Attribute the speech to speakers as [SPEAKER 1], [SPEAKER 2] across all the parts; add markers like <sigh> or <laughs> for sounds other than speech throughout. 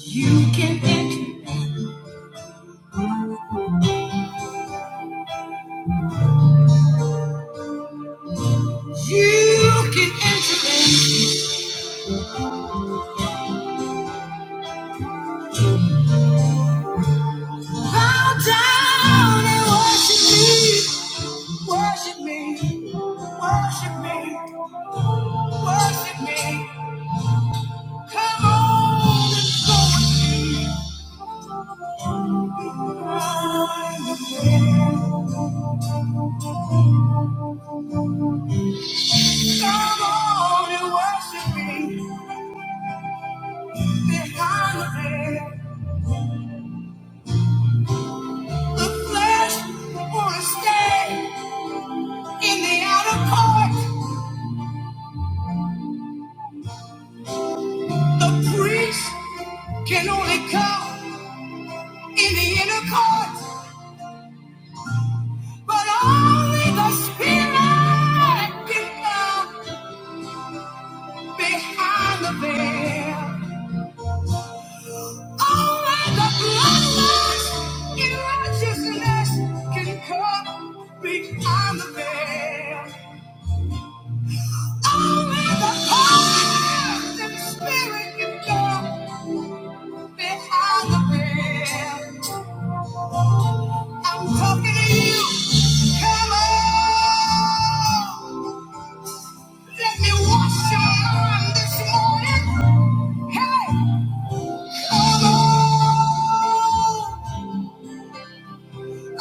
[SPEAKER 1] You can enter. You can enter in. Bow down and worship me. Worship me. Worship me. Worship me. Come on and go. behind the veil. Come on and worship me. Behind the veil, the flesh want to stay in the outer court. The priest can only come. in the inner court, but only the spirit can come behind the veil. Only the bloodlust in righteousness can come behind the veil. Only the power in the spirit can come behind the veil. I'm talking to you. Come on. Let me wash your mind this morning. Hey, come on.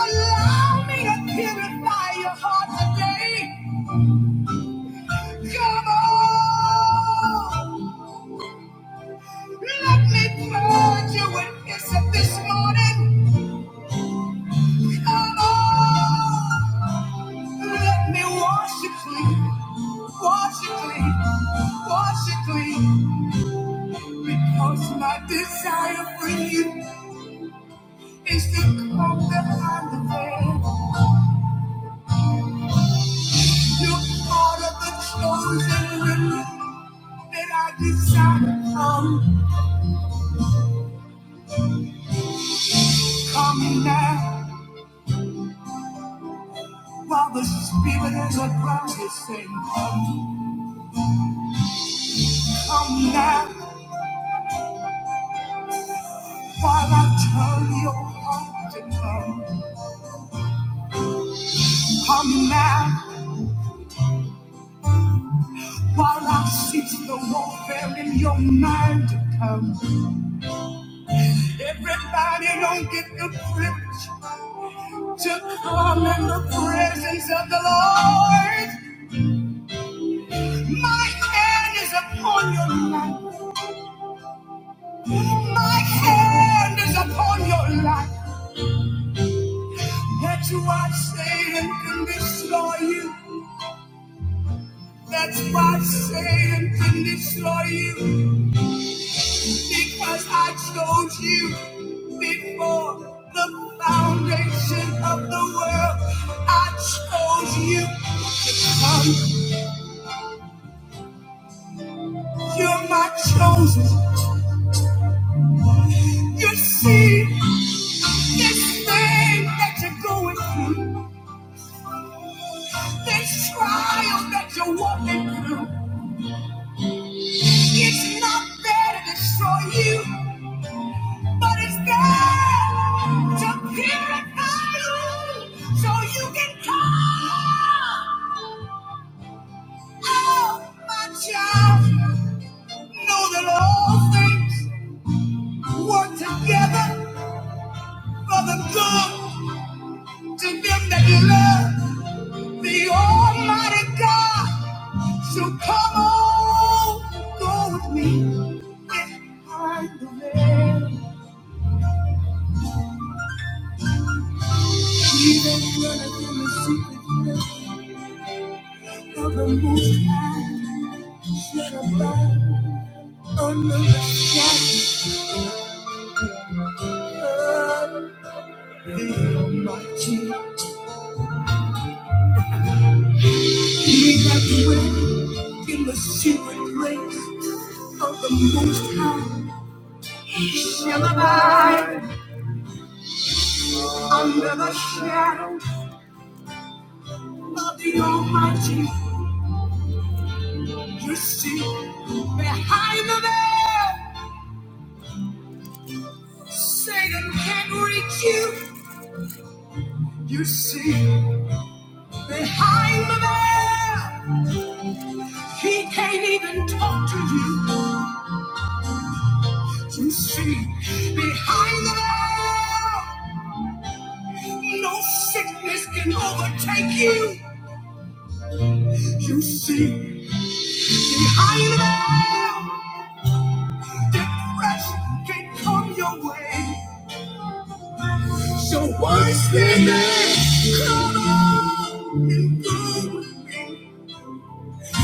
[SPEAKER 1] Allow me to purify your heart today. Come on. Let me purge you with hyssop this morning. Come on. Let me wash you clean. Wash you clean. Wash you clean. Because my desire for you. Is the call behind the veil? You're part of the chosen remnant that I desire to come. Come now, while the spirit is around you, sing. Come now, while I turn your heart to come. Come now, while I cease the warfare in your mind to come. Everybody don't get the privilege to come in the presence of the Lord. My hand is upon your life. My hand is upon your life. That's why I say and can destroy you. That's why I say and can destroy you. Because I chose you before the foundation of the world. I chose you to come. You're my chosen. You see this thing that you're going through. This trial that you're walking through, it's not there to destroy you, but it's there to purify you so you can come. Oh, my child, know that all things work together for the good to them that you love the Almighty God. So come on, go with me behind the veil. Even dwelleth in the secret place of the Most High shall abide under the shadow of the Almighty. He that dwelleth in the secret place of the Most High shall abide under the shadow of the Almighty. You see, behind the veil, Satan can't reach you. You see, behind the veil, he can't even talk to you. You see, behind the veil, no sickness can overtake you. You see, behind the veil, depression can come your way. So once they there, come on and go with me,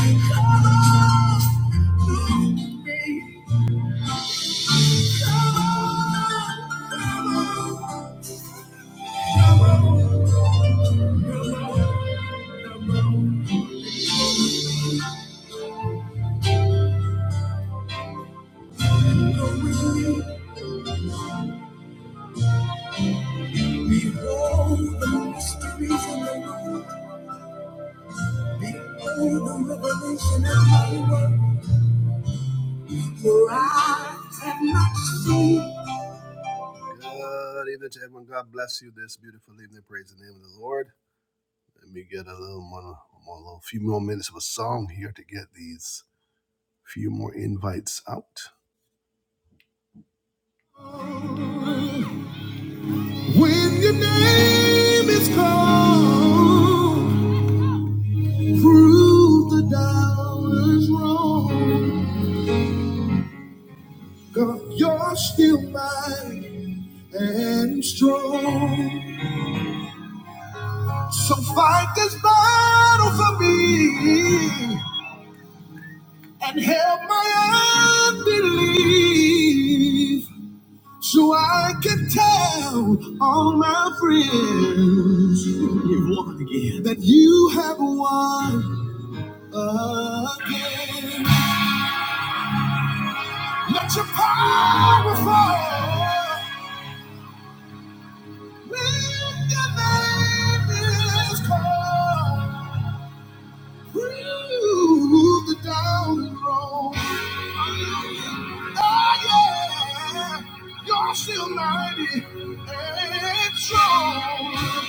[SPEAKER 1] come on and go with me, come on. Good evening to everyone. God bless you this beautiful evening. Praise the name of the Lord. Let me get a little more, more a little few more minutes of a song here to get these few more invites out. When your name is called. Prove the doubters wrong. God, you're still mighty and strong. So fight this battle for me and help my unbelief so I can tell all my friends you've won again. That you have won again. Let your power fall. When your name is called, through the down road, oh yeah, you're still mighty and strong.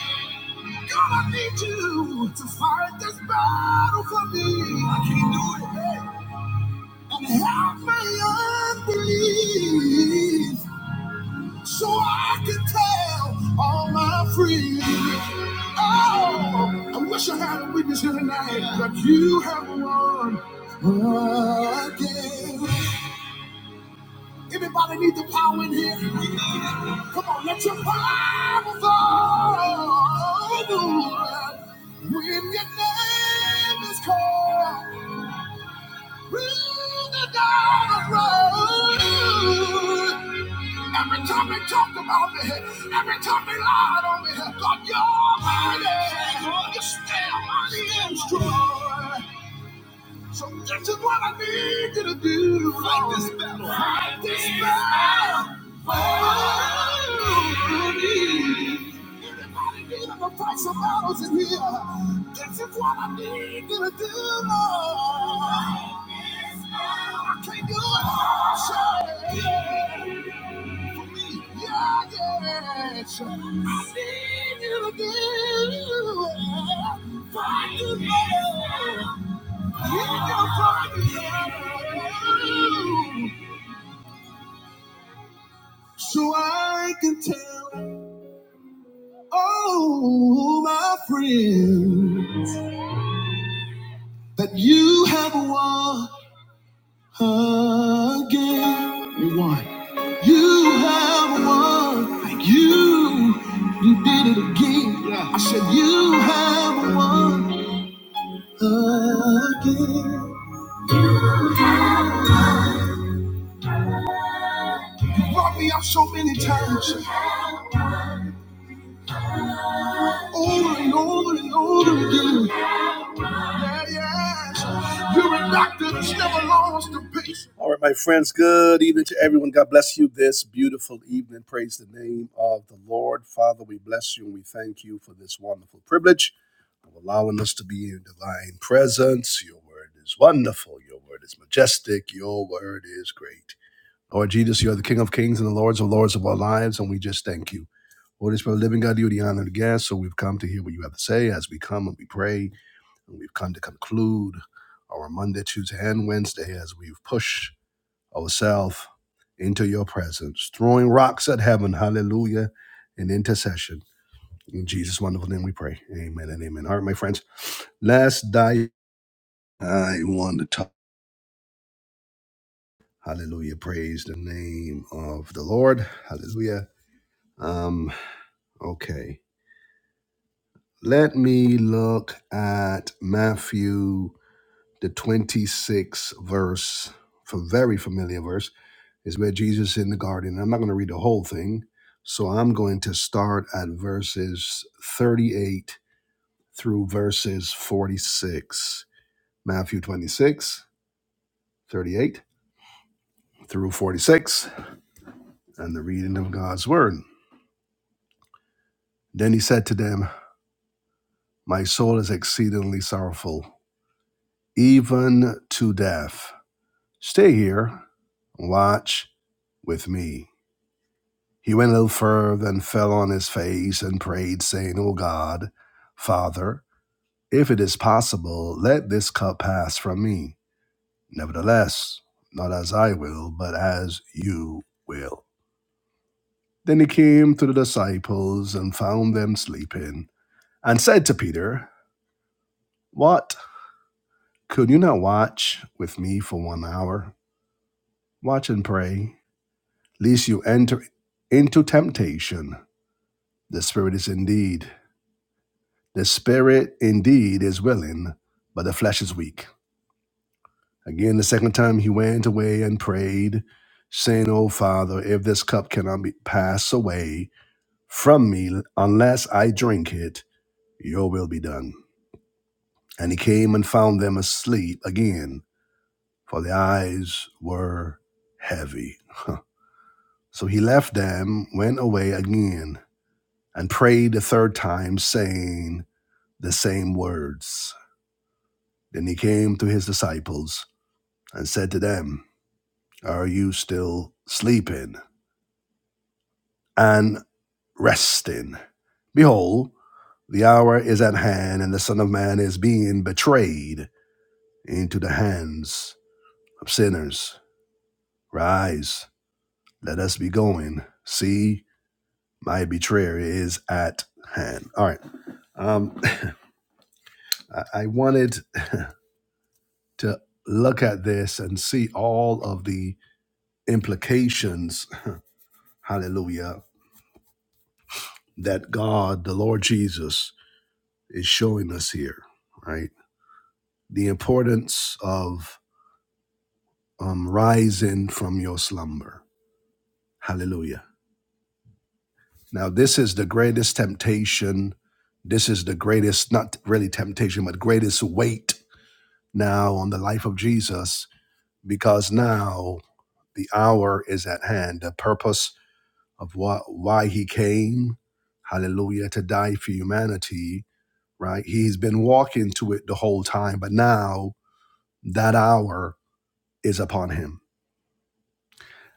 [SPEAKER 1] God, I need you to fight this battle for me. I can't do it. And help my unbelief so I can tell all my friends. Oh, I wish I had a witness here tonight, but you have won again. Everybody need the power in here. Come on, let your power fall. When your name is called, through the dark road. Every time they talked about me, every time they lied on me, God, you're mighty. You're still mighty and strong. So this is what I need you to do. Fight this battle. Fight this battle. For me. Anybody needing to fight some battles in here? This is what I need you to do, Lord. Fight this battle. I can't do it. Sure. Yeah. For me. Yeah, yeah. Sure. I need you to do. Fight this battle. So I can tell oh my friend that you have won again. You won. You have won. Like you, you did it again. Yeah. I said you have won again. You brought me up so many times, over and over and over again. All right, my friends, good evening to everyone. God bless you this beautiful evening. Praise the name of the Lord. Father, we bless you and we thank you for this wonderful privilege of allowing us to be in your divine presence. Your word is wonderful. Your word is majestic. Your word is great. Lord Jesus, you are the King of kings and the Lords of lords of our lives, and we just thank you. Holy Spirit, living God, you are the honor and the guest, so we've come to hear what you have to say as we come and we pray. And we've come to conclude our Monday, Tuesday, and Wednesday as we've pushed ourselves into your presence, throwing rocks at heaven. Hallelujah. In intercession. In Jesus' wonderful name we pray. Amen and amen. All right, my friends. Let's dive. I want to talk. Hallelujah. Praise the name of the Lord. Hallelujah. Um, okay. Let me look at Matthew the 26th verse, a very familiar verse. is where Jesus is in the garden. I'm not going to read the whole thing, so I'm going to start at verses 38 through verses 46. Matthew 26:38 through 46, and the reading of God's word. Then he said to them, My soul is exceedingly sorrowful, even to death. Stay here, watch with me. He went a little further and fell on his face and prayed, saying, O God, Father, If it is possible, let this cup pass from me. Nevertheless, not as I will, but as you will. Then he came to the disciples and found them sleeping, and said to Peter, What? Could you not watch with me for one hour? Watch and pray, lest you enter into temptation. The spirit is indeed. The spirit indeed is willing, but the flesh is weak. Again, the second time he went away and prayed, saying, O Father, if this cup cannot be passed away from me unless I drink it, your will be done. And he came and found them asleep again, for their eyes were heavy. So he left them, went away again, and prayed the third time, saying the same words. Then he came to his disciples and said to them, Are you still sleeping? and resting. Behold, the hour is at hand, and the Son of Man is being betrayed into the hands of sinners. Rise, let us be going. See, my betrayer is at hand. All right. Um, I wanted to look at this and see all of the implications, hallelujah, that God, the Lord Jesus, is showing us here, right? The importance of um, rising from your slumber. Hallelujah. Now, this is the greatest temptation. This is the greatest, not really temptation, but greatest weight now on the life of Jesus, because now the hour is at hand. The purpose of what, why he came, hallelujah, to die for humanity, right? He's been walking to it the whole time, but now that hour is upon him.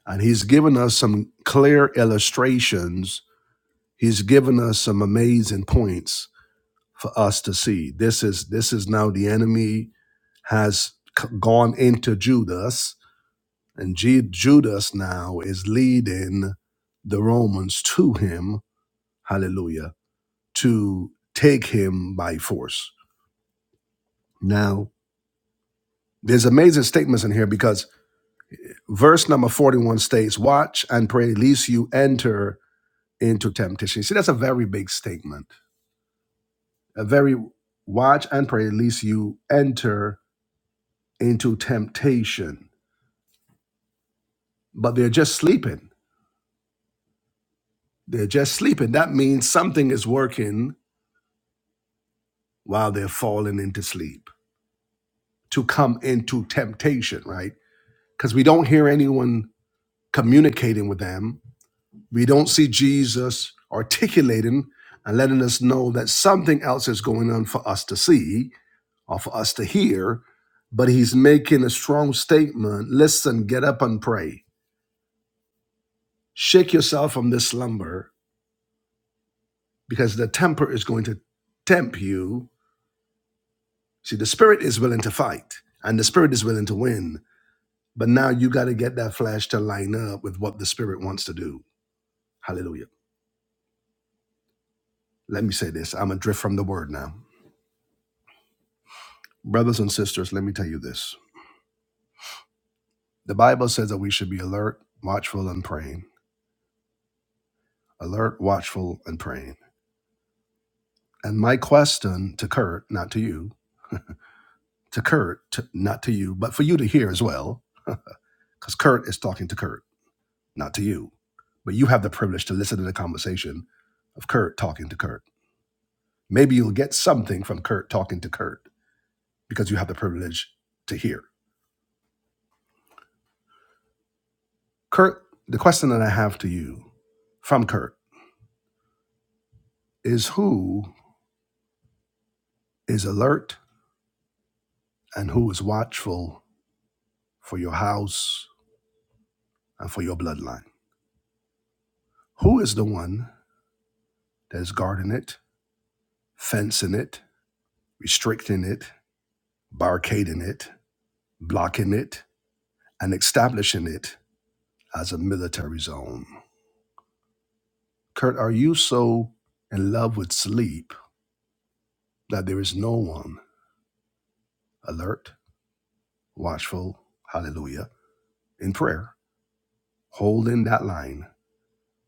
[SPEAKER 1] And he's given us some clear illustrations He's given us some amazing points for us to see. This is this is now the enemy has c- gone into Judas, and Ju- Judas now is leading the Romans to him. Hallelujah! To take him by force. Now, there's amazing statements in here because verse number 41 states, "Watch and pray, lest you enter into temptation." See, that's a very big statement. A very watch and pray, lest you enter into temptation, but they're just sleeping. They're just sleeping. That means something is working while they're falling into sleep to come into temptation, right? Because we don't hear anyone communicating with them. We don't see Jesus articulating and letting us know that something else is going on for us to see or for us to hear. But he's making a strong statement listen, get up and pray. Shake yourself from this slumber because the temper is going to tempt you. See, the spirit is willing to fight and the spirit is willing to win. But now you got to get that flesh to line up with what the spirit wants to do. Hallelujah. Let me say this I'm adrift from the word now. Brothers and sisters, let me tell you this. The Bible says that we should be alert, watchful, and praying. Alert, watchful, and praying. And my question to Kurt, not to you, to Kurt, to, not to you, but for you to hear as well, because Kurt is talking to Kurt. not to you. But you have the privilege to listen to the conversation of Kurt talking to Kurt. Maybe you'll get something from Kurt talking to Kurt because you have the privilege to hear. Kurt, the question that I have to you from Kurt is who is alert and who is watchful for your house and for your bloodline? Who is the one that is guarding it, fencing it, restricting it, barricading it, blocking it, and establishing it as a military zone? Kurt, are you so in love with sleep that there is no one alert, watchful, hallelujah, in prayer, holding that line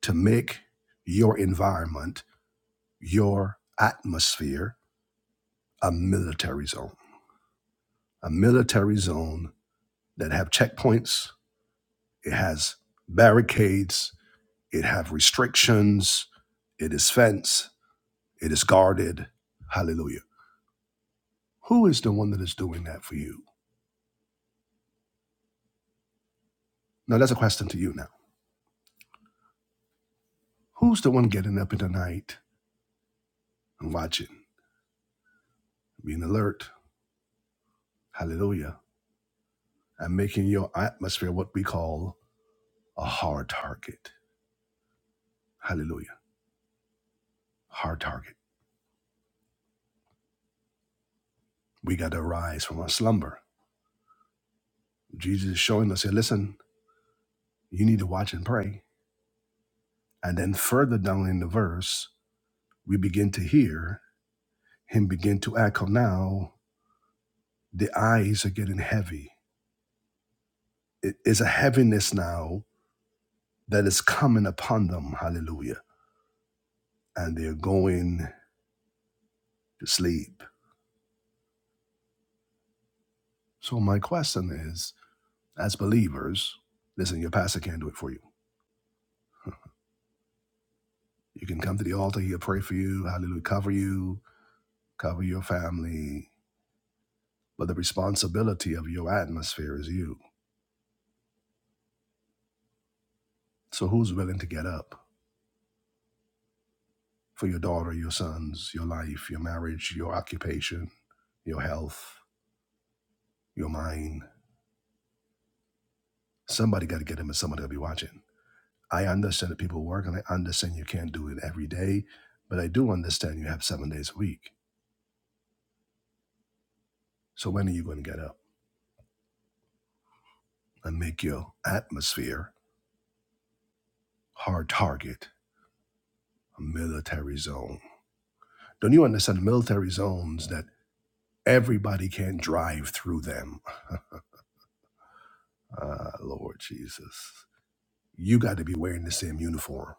[SPEAKER 1] to make your environment, your atmosphere, a military zone? A military zone that have checkpoints, it has barricades, it have restrictions, it is fenced, it is guarded. Hallelujah. Who is the one that is doing that for you? Now that's a question to you now Who's the one getting up in the night and watching, being alert? Hallelujah. And making your atmosphere what we call a hard target. Hallelujah. Hard target. We got to rise from our slumber. Jesus is showing us here, listen, you need to watch and pray. And then further down in the verse, we begin to hear him begin to echo now. The eyes are getting heavy. It is a heaviness now that is coming upon them. Hallelujah. And they're going to sleep So my question is, as believers, listen, your pastor can't do it for you. You can come to the altar, he'll pray for you, hallelujah, cover you, cover your family. But the responsibility of your atmosphere is you. So who's willing to get up for your daughter, your sons, your life, your marriage, your occupation, your health, your mind? Somebody got to get them and somebody will be watching. I understand that people work and I understand you can't do it every day, but I do understand you have seven days a week. So when are you going to get up? and make your atmosphere hard target a military zone. Don't you understand military zones that everybody can't drive through them? Ah, Lord Jesus. You got to be wearing the same uniform.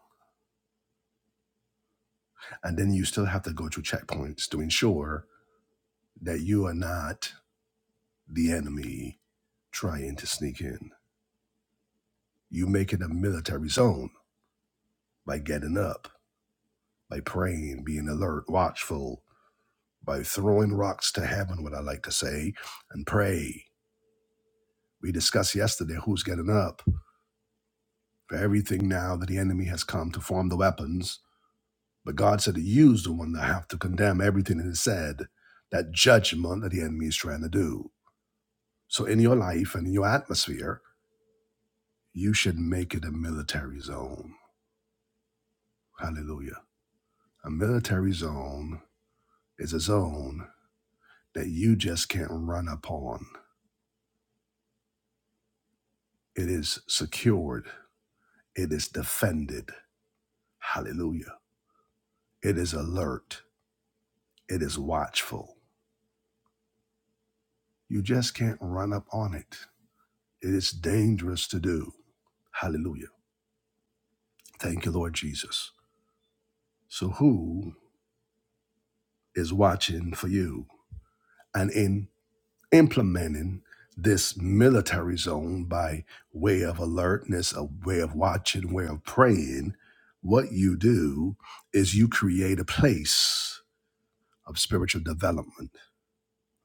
[SPEAKER 1] And then you still have to go through checkpoints to ensure that you are not the enemy trying to sneak in. You make it a military zone by getting up, by praying, being alert, watchful, by throwing rocks to heaven, what I like to say, and pray. We discussed yesterday who's getting up for everything now that the enemy has come to form the weapons. But God said that you is the one that have to condemn everything that is said, that judgment that the enemy is trying to do. So in your life and in your atmosphere, you should make it a military zone. Hallelujah. A military zone is a zone that you just can't run upon. It is secured. It is defended. Hallelujah. It is alert. It is watchful You just can't run up on it. It is dangerous to do. Hallelujah. Thank you, Lord Jesus. So, who is watching for you and in implementing this military zone by way of alertness, a way of watching, way of praying? What you do is you create a place of spiritual development,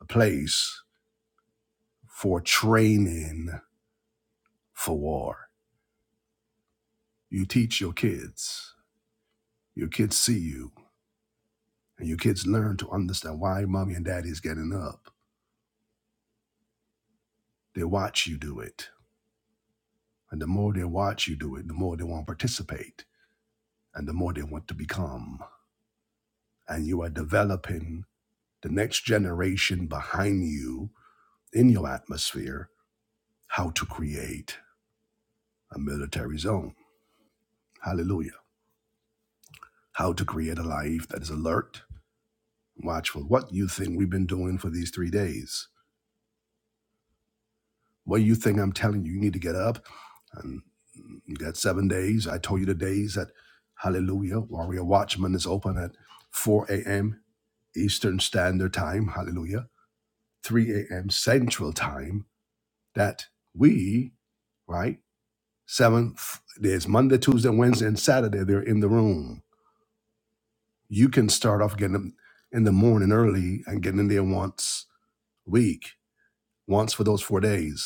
[SPEAKER 1] a place for training for war. You teach your kids. Your kids see you And your kids learn to understand why mommy and daddy is getting up. They watch you do it. And the more they watch you do it, the more they want to participate and the more they want to become. And you are developing the next generation behind you in your atmosphere how to create a military zone. Hallelujah. How to create a life that is alert, watchful. What you think we've been doing for these three days? What do you think I'm telling you? You need to get up. And you got seven days. I told you the days that Hallelujah, Warrior Watchman is open at 4 a.m. Eastern Standard Time. Hallelujah. 3 a.m. Central Time. That we, right? Seventh, there's Monday, Tuesday, Wednesday, and Saturday. They're in the room. You can start off getting them in the morning early and getting in there once a week, once for those four days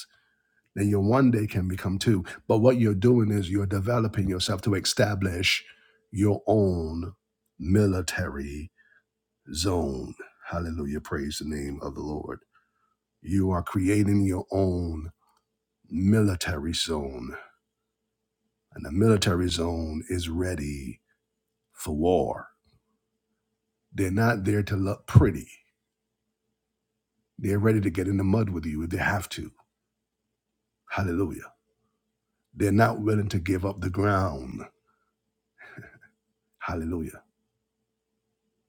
[SPEAKER 1] then your one day can become two. But what you're doing is you're developing yourself to establish your own military zone. Hallelujah. Praise the name of the Lord. You are creating your own military zone, and the military zone is ready for war. They're not there to look pretty, they're ready to get in the mud with you if they have to. Hallelujah. They're not willing to give up the ground. Hallelujah.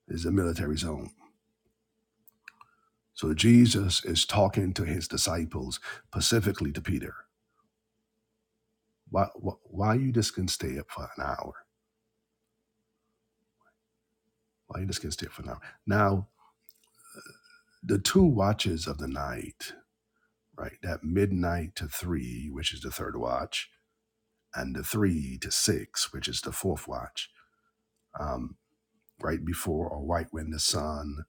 [SPEAKER 1] Is a military zone. So Jesus is talking to his disciples, specifically to Peter. Why, why, why you just can stay up for an hour? Why you just can stay up for an hour? Now, the two watches of the night, right? That midnight to three, which is the third watch, and the three to six, which is the fourth watch, um, right before or right when the sun,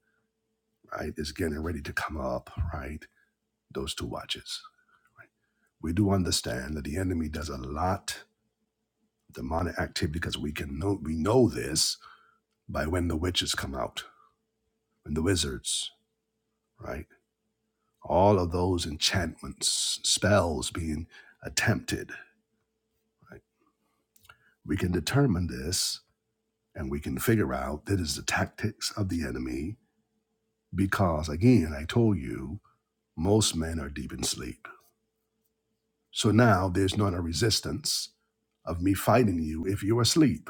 [SPEAKER 1] right, is getting ready to come up, right? Those two watches. We do understand that the enemy does a lot demonic activity because we can know we know this by when the witches come out and the wizards, right? All of those enchantments, spells being attempted. Right? We can determine this and we can figure out that is the tactics of the enemy because, again, I told you, most men are deep in sleep. So now there's not a resistance of me fighting you if you're asleep.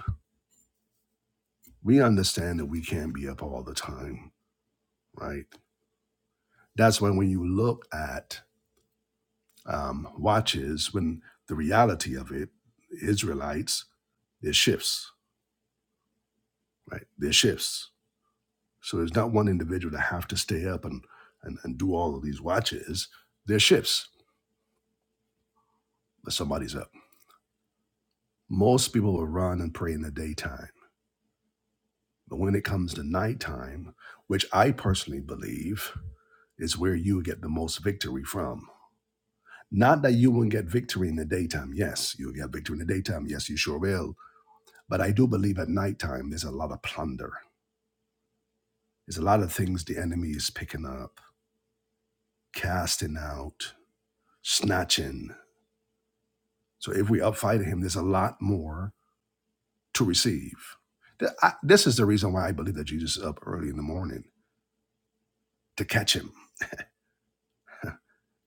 [SPEAKER 1] We understand that we can't be up all the time, right? That's when when you look at um, watches when the reality of it, Israelites, there's shifts, right? There's shifts. So there's not one individual to have to stay up and, and, and do all of these watches. There's shifts, but somebody's up. Most people will run and pray in the daytime. But when it comes to nighttime, which I personally believe is where you get the most victory from. Not that you won't get victory in the daytime. Yes, you'll get victory in the daytime. Yes, you sure will. But I do believe at nighttime there's a lot of plunder There's a lot of things the enemy is picking up, casting out, snatching. So if we upfight him, there's a lot more to receive. Th- I- This is the reason why I believe that Jesus is up early in the morning to catch him,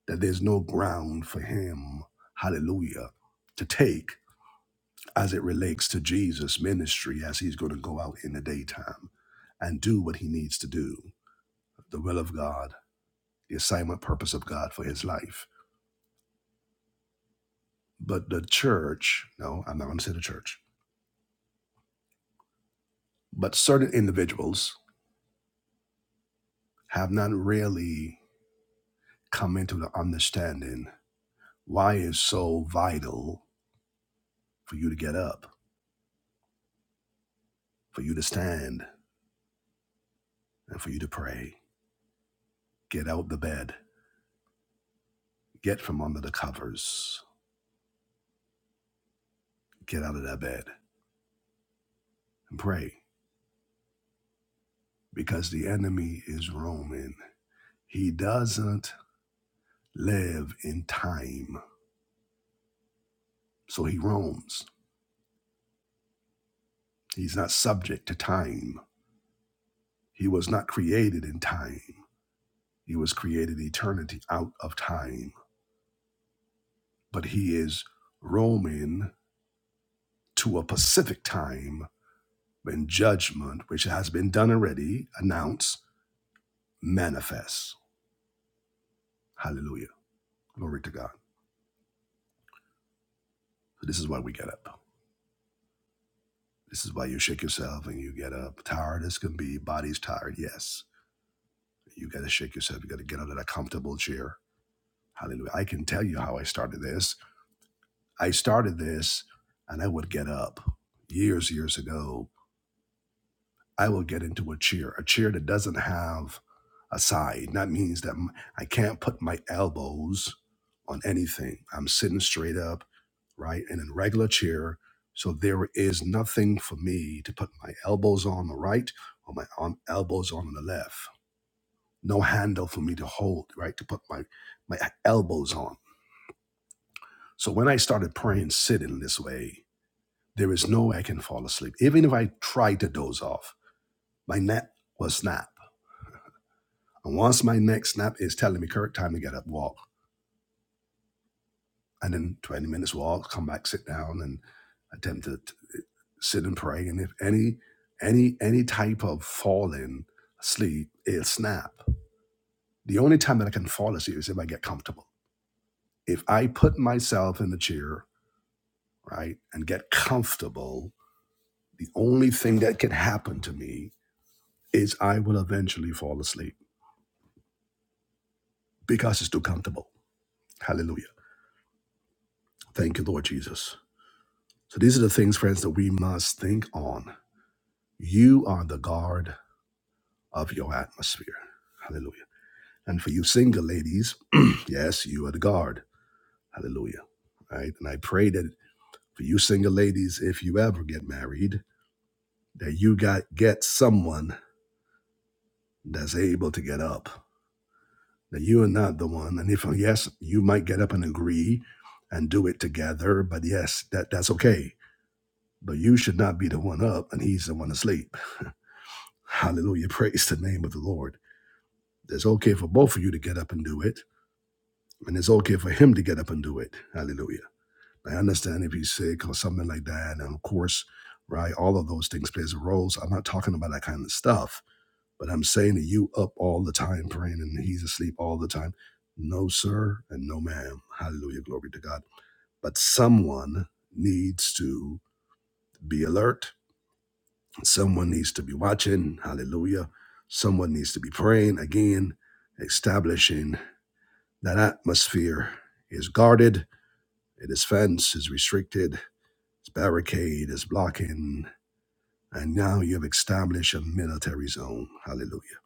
[SPEAKER 1] that there's no ground for him, hallelujah, to take as it relates to Jesus' ministry as he's going to go out in the daytime and do what he needs to do, the will of God, the assignment purpose of God for his life. But the church, no, I'm not going to say the church But certain individuals have not really come into the understanding why it's so vital for you to get up, for you to stand, and for you to pray. Get out the bed, get from under the covers, get out of that bed and pray because the enemy is roaming. He doesn't live in time, so he roams. He's not subject to time. He was not created in time, he was created eternity out of time. but he is roaming to a Pacific time when judgment, which has been done already, announced, manifests. Hallelujah. Glory to God. So this is why we get up. This is why you shake yourself and you get up. Tired as can be, body's tired, yes. You gotta shake yourself, you gotta get out of that comfortable chair. Hallelujah. I can tell you how I started this. I started this and I would get up years, years ago I will get into a chair, a chair that doesn't have a side. That means that m- I can't put my elbows on anything. I'm sitting straight up, right, in a regular chair. So there is nothing for me to put my elbows on the right or my arm, elbows on the left. No handle for me to hold, right, to put my, my elbows on. So when I started praying sitting this way, there is no way I can fall asleep. Even if I tried to doze off, my neck will snap And once my neck snap is telling me "Kirk, time to get up, walk, and then 20 minutes walk, come back, sit down, and attempt to t- sit and pray. And if any any any type of falling asleep, it'll snap. The only time that I can fall asleep is if I get comfortable. If I put myself in the chair, right, and get comfortable, the only thing that can happen to me is I will eventually fall asleep because it's too comfortable. Hallelujah. Thank you, Lord Jesus. So these are the things, friends, that we must think on. You are the guard of your atmosphere. Hallelujah. And for you single ladies, <clears throat> yes, you are the guard. Hallelujah. Right? And I pray that for you single ladies, if you ever get married, that you got get someone that's able to get up. That you are not the one. And if yes, you might get up and agree and do it together, but yes, that, that's okay. But you should not be the one up and he's the one asleep. Hallelujah. Praise the name of the Lord. It's okay for both of you to get up and do it, and it's okay for him to get up and do it. Hallelujah. I understand if he's sick or something like that, and of course, right, all of those things plays a role. So I'm not talking about that kind of stuff, but I'm saying that you up all the time praying and he's asleep all the time. No, sir, and no, ma'am. Hallelujah, glory to God. But someone needs to be alert. Someone needs to be watching. Hallelujah. Someone needs to be praying again, establishing That atmosphere is guarded, it is fenced, is restricted, it's barricade, is blocking, and now you've established a military zone. Hallelujah.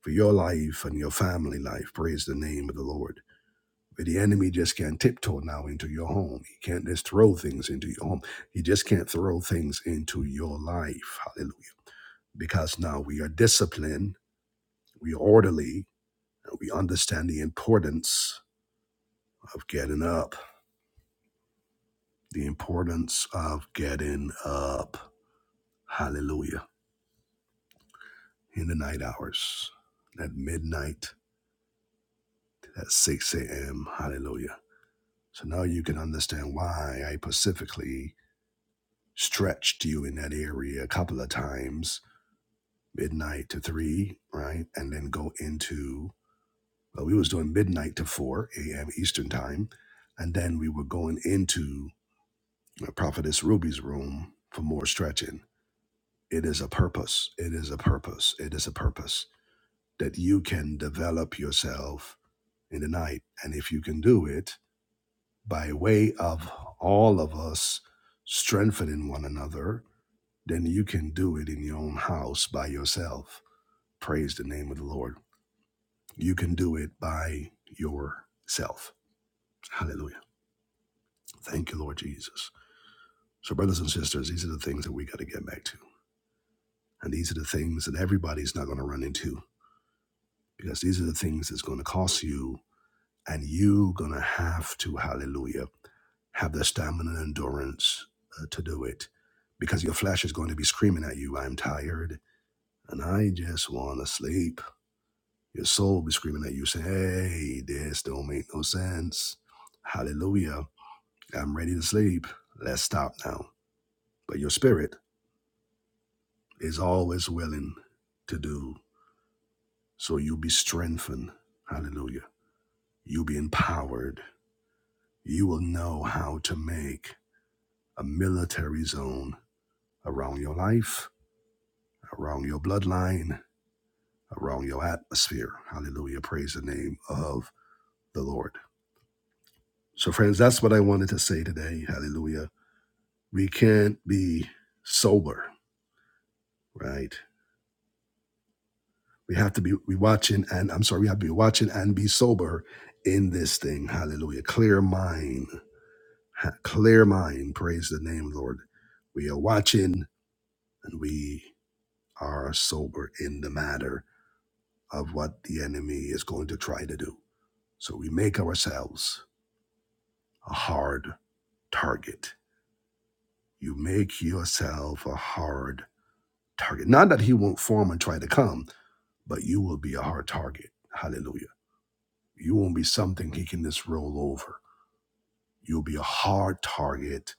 [SPEAKER 1] For your life and your family life, praise the name of the Lord. But the enemy just can't tiptoe now into your home. He can't just throw things into your home. He just can't throw things into your life. Hallelujah. Because now we are disciplined, we are orderly, and we understand the importance of getting up. the importance of getting up. Hallelujah. In the night hours, at midnight, at 6 a.m. Hallelujah. So now you can understand why I specifically stretched you in that area a couple of times, midnight to 3, right? And then go into, well, we was doing midnight to 4 a.m. Eastern time. And then we were going into uh, Prophetess Ruby's room for more stretching. It is a purpose. It is a purpose. It is a purpose that you can develop yourself in the night. And if you can do it by way of all of us strengthening one another, then you can do it in your own house by yourself. Praise the name of the Lord. You can do it by yourself. Hallelujah. Thank you, Lord Jesus. So, brothers and sisters, these are the things that we got to get back to. And these are the things that everybody's not going to run into because these are the things that's going to cost you and you going to have to, hallelujah have the stamina and endurance uh, to do it because your flesh is going to be screaming at you, I'm tired and I just want to sleep. Your soul be screaming at you, saying, Hey, this don't make no sense. Hallelujah. I'm ready to sleep. Let's stop now. But your spirit is always willing to do. So you will be strengthened. Hallelujah. You will be empowered. You will know how to make a military zone around your life around your bloodline, around your atmosphere. Hallelujah. Praise the name of the Lord. So, friends, that's what I wanted to say today. Hallelujah. We can't be sober, right? We have to be we watching and I'm sorry, we have to be watching and be sober in this thing. Hallelujah. Clear mind. Ha- Clear mind. Praise the name, Lord. We are watching and we are sober in the matter of what the enemy is going to try to do. So we make ourselves a hard target. You make yourself a hard target. Not that he won't form and try to come, but you will be a hard target. Hallelujah. You won't be something he can just roll over. You'll be a hard target,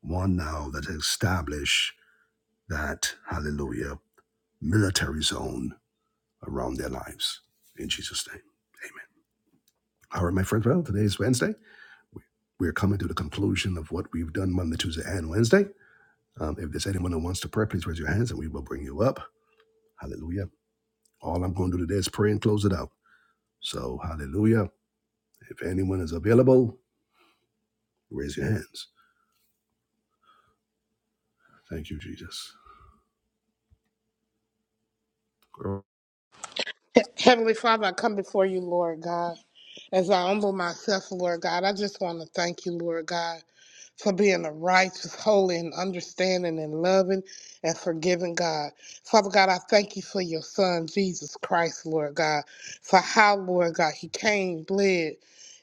[SPEAKER 1] one now that establish that, hallelujah, military zone around their lives. In Jesus' name. Amen. All right, my friends. Well, today is Wednesday. We- We're coming to the conclusion of what we've done Monday, Tuesday, and Wednesday. Um, if there's anyone that wants to pray, please raise your hands and we will bring you up. Hallelujah. All I'm going to do today is pray and close it out. So, hallelujah. If anyone is available, raise your hands. Thank you, Jesus.
[SPEAKER 2] He- Heavenly Father, I come before you, Lord God. As I humble myself, Lord God, I just want to thank you, Lord God, for being a righteous, holy, and understanding and loving and forgiving God. Father God, I thank you for your son, Jesus Christ, Lord God, for how, Lord God, he came, bled,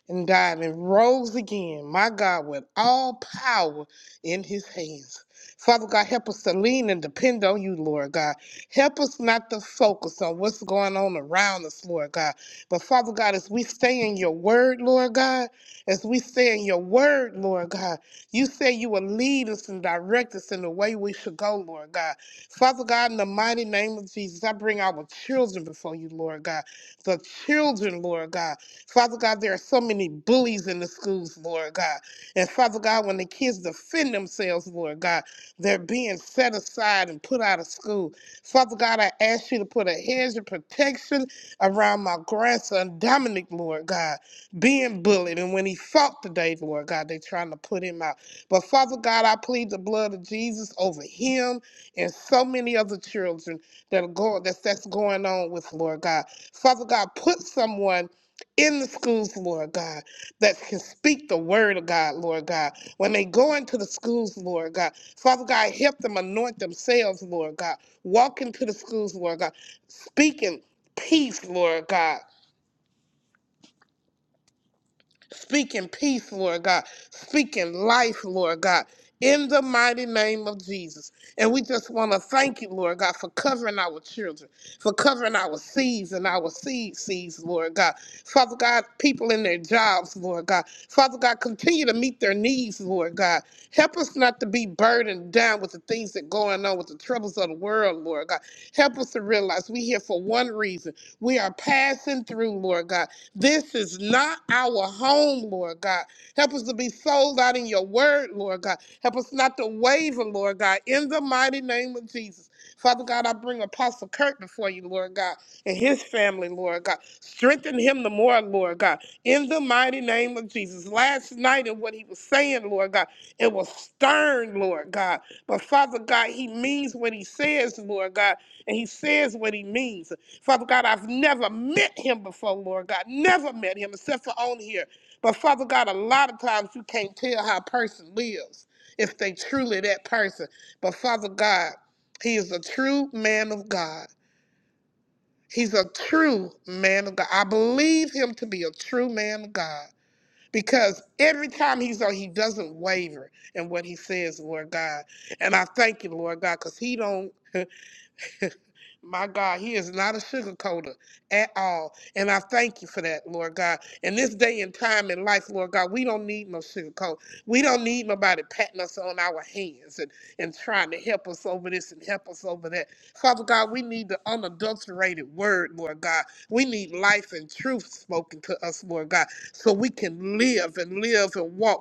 [SPEAKER 2] and died and rose again, my God, with all power in his hands. Father God, help us to lean and depend on you, Lord God. Help us not to focus on what's going on around us, Lord God. But Father God, as we stay in your word, Lord God, as we stay in your word, Lord God, you say you will lead us and direct us in the way we should go, Lord God. Father God, in the mighty name of Jesus, I bring our children before you, Lord God. The children, Lord God. Father God, there are so many bullies in the schools, Lord God. And Father God, when the kids defend themselves, Lord God, they're being set aside and put out of school. Father God, I ask you to put a hedge of protection around my grandson, Dominic, Lord God, being bullied. And when he fought today, Lord God, they trying to put him out. But Father God, I plead the blood of Jesus over him and so many other children that are going that's that's going on with Lord God. Father God, put someone in the schools, Lord God, that can speak the word of God, Lord God. When they go into the schools, Lord God, Father God, help them anoint themselves, Lord God. Walk into the schools, Lord God. Speaking peace, Lord God speaking peace, Lord God, speaking life, Lord God, in the mighty name of Jesus. And we just want to thank you, Lord God, for covering our children, for covering our seeds and our seed seeds, Lord God. Father God, people in their jobs, Lord God. Father God, continue to meet their needs, Lord God. Help us not to be burdened down with the things that are going on with the troubles of the world, Lord God. Help us to realize we're here for one reason. We are passing through, Lord God. This is not our home, Lord God. Help us to be sold out in your word, Lord God. Help us not to waver, Lord God, in the mighty name of Jesus. Father God, I bring Apostle Kirk before you, Lord God, and his family, Lord God. Strengthen him the more, Lord God, in the mighty name of Jesus. Last night and what he was saying, Lord God, it was stern, Lord God. But Father God, he means what he says, Lord God, and he says what he means. Father God, I've never met him before, Lord God. Never met him except for on here. But Father God, a lot of times you can't tell how a person lives if they truly that person. But Father God, he is a true man of God. He's a true man of God. I believe him to be a true man of God because every time he's on, he doesn't waver in what he says, Lord God. And I thank you, Lord God, because he don't. <laughs> My God, He is not a sugarcoater at all. And I thank you for that, Lord God. In this day and time in life, Lord God, we don't need no sugarcoat. We don't need nobody patting us on our hands and, and trying to help us over this and help us over that. Father God, we need the unadulterated word, Lord God. We need life and truth spoken to us, Lord God, so we can live and live and walk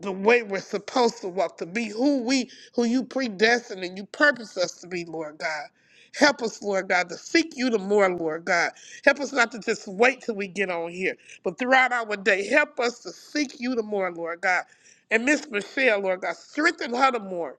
[SPEAKER 2] the way we're supposed to walk, to be who we, who you predestined and you purpose us to be, Lord God. Help us, Lord God, to seek you the more, Lord God. Help us not to just wait till we get on here, but throughout our day, help us to seek you the more, Lord God. And Miss Michelle, Lord God, strengthen her the more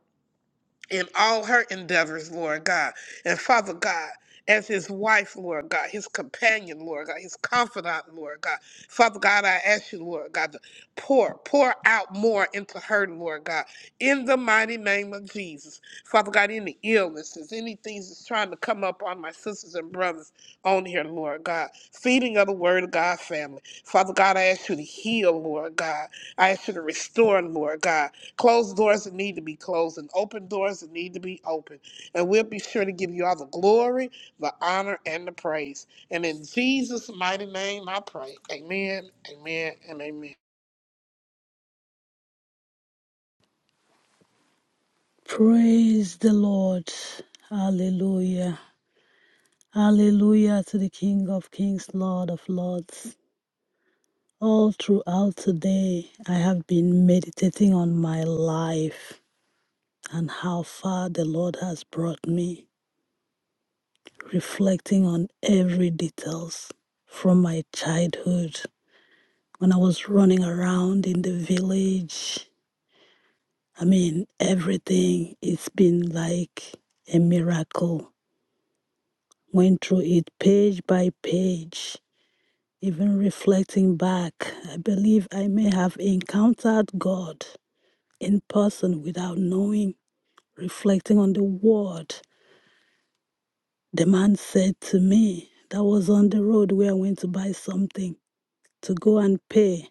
[SPEAKER 2] in all her endeavors, Lord God. And Father God, as his wife, Lord God, his companion, Lord God, his confidant, Lord God. Father God, I ask you, Lord God, to pour, pour out more into her, Lord God, in the mighty name of Jesus. Father God, any illnesses, any things that's trying to come up on my sisters and brothers on here, Lord God. Feeding of the Word of God family. Father God, I ask you to heal, Lord God. I ask you to restore, Lord God. Closed doors that need to be closed and open doors that need to be open. And we'll be sure to give you all the glory, the honor, and the praise. And in Jesus' mighty name, I pray. Amen, amen, and amen.
[SPEAKER 3] Praise the Lord. Hallelujah. Hallelujah to the King of Kings, Lord of Lords. All throughout today, I have been meditating on my life and how far the Lord has brought me, reflecting on every details from my childhood when I was running around in the village. I mean, everything. It's been like a miracle. went through it page by page, even reflecting back. I believe I may have encountered God in person without knowing. Reflecting on the word, the man said to me, that was on the road where I went to buy something to go and pay.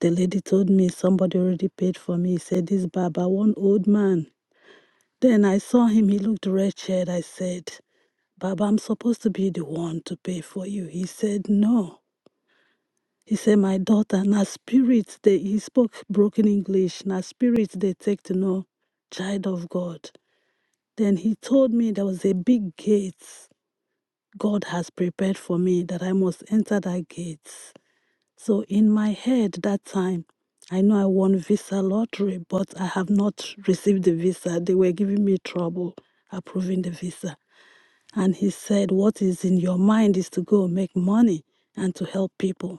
[SPEAKER 3] The lady told me somebody already paid for me. He said, This Baba, one old man. Then I saw him, he looked wretched. I said, Baba, I'm supposed to be the one to pay for you. He said, No. He said, My daughter, na spirit they he spoke broken English, na spirit they take to know child of God. Then he told me there was a big gate God has prepared for me that I must enter that gate. So in my head that time, I know I won visa lottery, but I have not received the visa. They were giving me trouble approving the visa. And he said, What is in your mind is to go make money and to help people.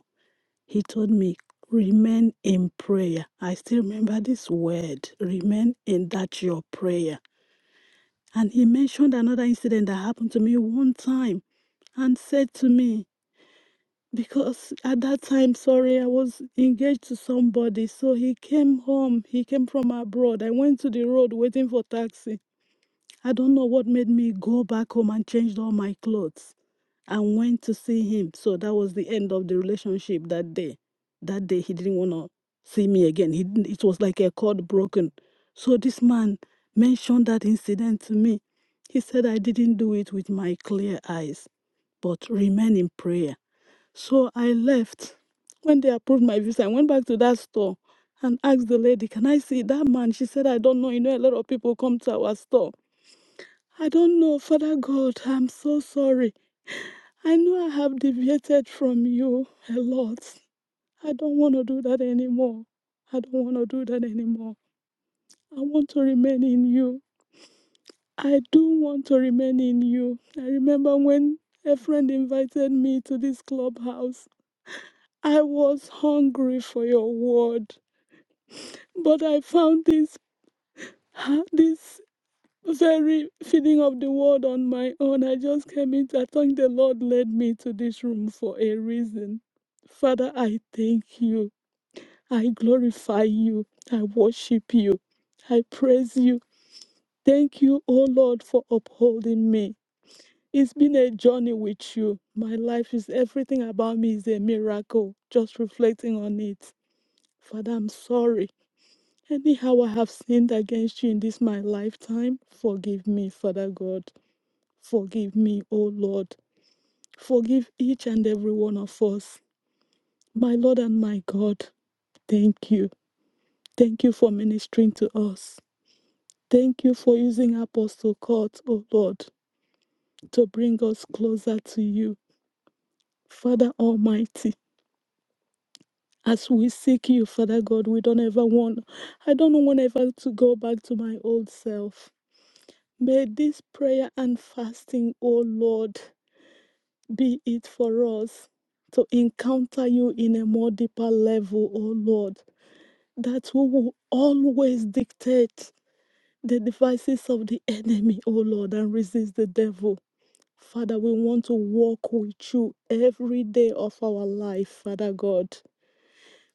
[SPEAKER 3] He told me, remain in prayer. I still remember this word, remain in that your prayer. And he mentioned another incident that happened to me one time and said to me, because at that time, sorry, I was engaged to somebody. So he came home. He came from abroad. I went to the road waiting for taxi. I don't know what made me go back home and changed all my clothes and went to see him. So that was the end of the relationship that day. That day he didn't want to see me again. He didn't, it was like a cord broken. So this man mentioned that incident to me. He said I didn't do it with my clear eyes, but remain in prayer. So I left. When they approved my visa, I went back to that store and asked the lady, "Can I see that man?" She said, "I don't know. You know, a lot of people come to our store." I don't know, Father God, I'm so sorry. I know I have deviated from you a lot. I don't want to do that anymore. I don't want to do that anymore. I want to remain in you. I do want to remain in you. I remember when a friend invited me to this clubhouse. I was hungry for your word, but I found this this very feeding of the word on my own. I just came in. I think the Lord led me to this room for a reason. Father, I thank you. I glorify you. I worship you. I praise you. Thank you, O Lord, for upholding me. It's been a journey with you. My life is everything about me is a miracle. Just reflecting on it. Father, I'm sorry. Anyhow, I have sinned against you in this my lifetime. Forgive me, Father God. Forgive me, O Lord. Forgive each and every one of us. My Lord and my God, thank you. Thank you for ministering to us. Thank you for using Apostle Court, O Lord, to bring us closer to you. Father Almighty, as we seek you, Father God, we don't ever want, I don't want ever to go back to my old self. May this prayer and fasting, O Lord, be it for us to encounter you in a more deeper level, O Lord, that we will always dictate the devices of the enemy, O Lord, and resist the devil. Father, we want to walk with you every day of our life, Father God.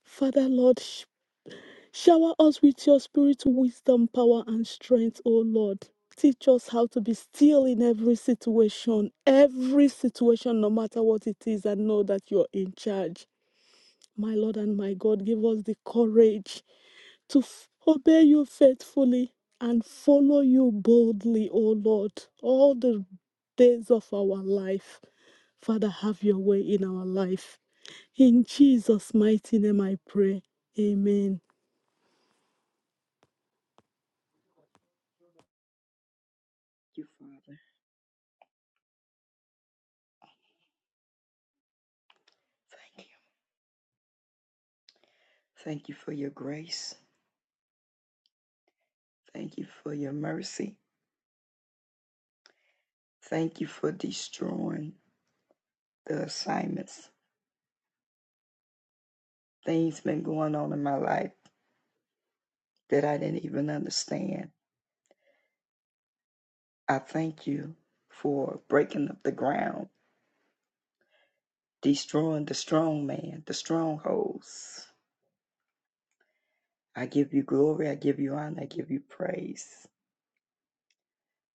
[SPEAKER 3] Father, Lord, Shower us with your spirit, wisdom, power, and strength, O Lord. Teach us how to be still in every situation, every situation, no matter what it is, and know that you're in charge. My Lord and my God, give us the courage to f- obey you faithfully and follow you boldly, O Lord, all the days of our life. Father, have your way in our life. In Jesus' mighty name I pray. Amen.
[SPEAKER 4] you, Father. Thank you. Thank you for your grace. Thank you for your mercy. Thank you for destroying the assignments. Things been going on in my life that I didn't even understand. I thank you for breaking up the ground, destroying the strong man, the strongholds. I give you glory, I give you honor, I give you praise.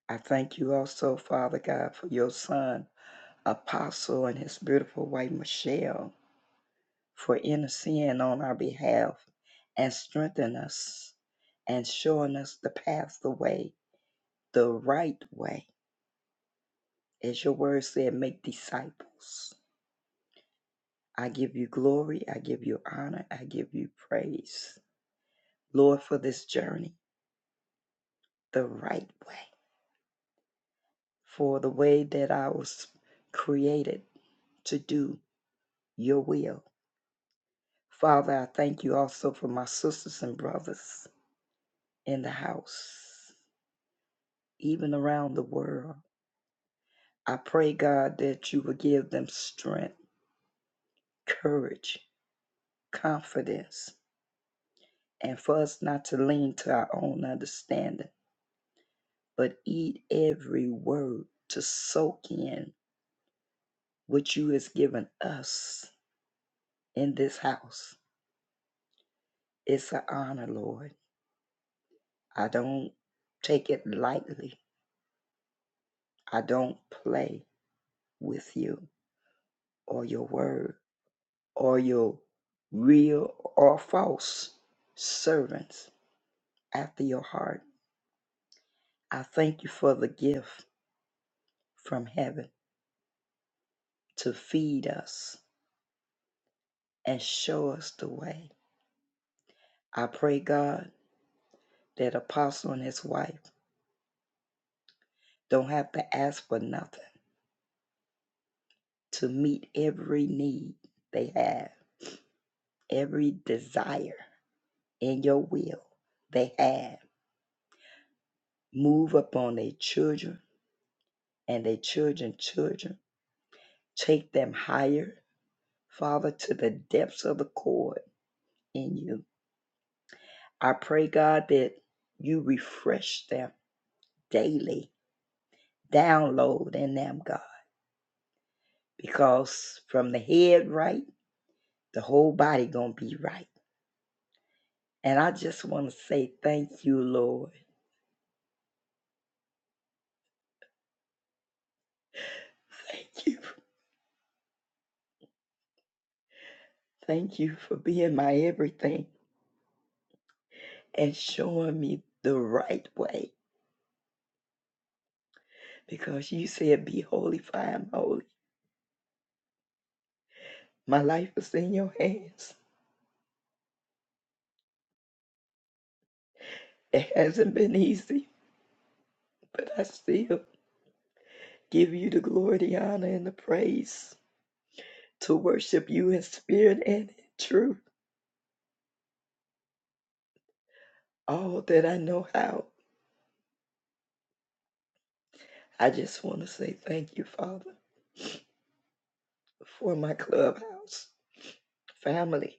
[SPEAKER 4] I thank you also, Father God, for your son, Apostle, and his beautiful wife, Michelle. for interceding on our behalf and strengthen us and showing us the path, the way, the right way. As your word said, make disciples. I give you glory. I give you honor. I give you praise, Lord, for this journey, the right way, for the way that I was created to do your will. Father, I thank you also for my sisters and brothers in the house, even around the world. I pray, God, that you would give them strength, courage, confidence, and for us not to lean to our own understanding, but eat every word to soak in what you has given us in this house. It's an honor, Lord. I don't take it lightly. I don't play with you or your word or your real or false servants after your heart. I thank you for the gift from heaven to feed us and show us the way. I pray, God, that Apostle and his wife don't have to ask for nothing to meet every need they have, every desire in your will they have. Move upon their children and their children's children. Take them higher, Father, to the depths of the cord in you. I pray, God, that you refresh them daily download in them, God, because from the head right, the whole body gonna be right. And I just want to say thank you, Lord. <laughs> Thank you. Thank you for being my everything and showing me the right way. Because you said, Be holy, for I am holy. My life is in your hands. It hasn't been easy, but I still give you the glory, the honor, and the praise to worship you in spirit and in truth. all that I know how. I just want to say thank you, Father, for my clubhouse family.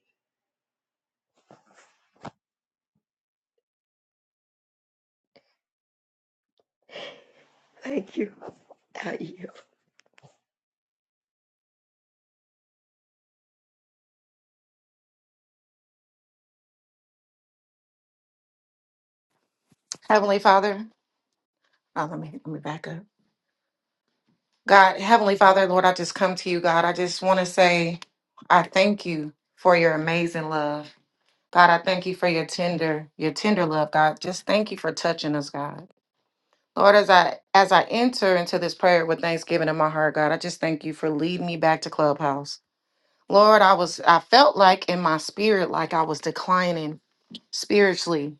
[SPEAKER 4] Thank you. I yield.
[SPEAKER 5] Heavenly Father, oh, let me let me back up. God, Heavenly Father, Lord, I just come to you, God. I just want to say I thank you for your amazing love. God, I thank you for your tender, your tender love, God. Just thank you for touching us, God. Lord, as I as I enter into this prayer with thanksgiving in my heart, God, I just thank you for leading me back to Clubhouse. Lord, I was I felt like in my spirit like I was declining spiritually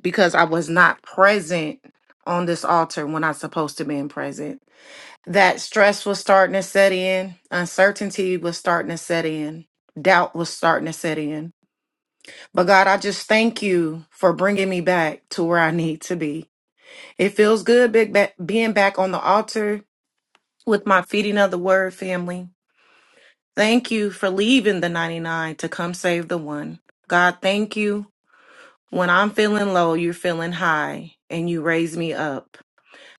[SPEAKER 5] because I was not present on this altar when I supposed to be present. That stress was starting to set in, uncertainty was starting to set in, doubt was starting to set in. But God, I just thank you for bringing me back to where I need to be. It feels good big ba- being back on the altar with my feeding of the word family. Thank you for leaving the 99 to come save the one. God, thank you. When I'm feeling low, you're feeling high and you raise me up.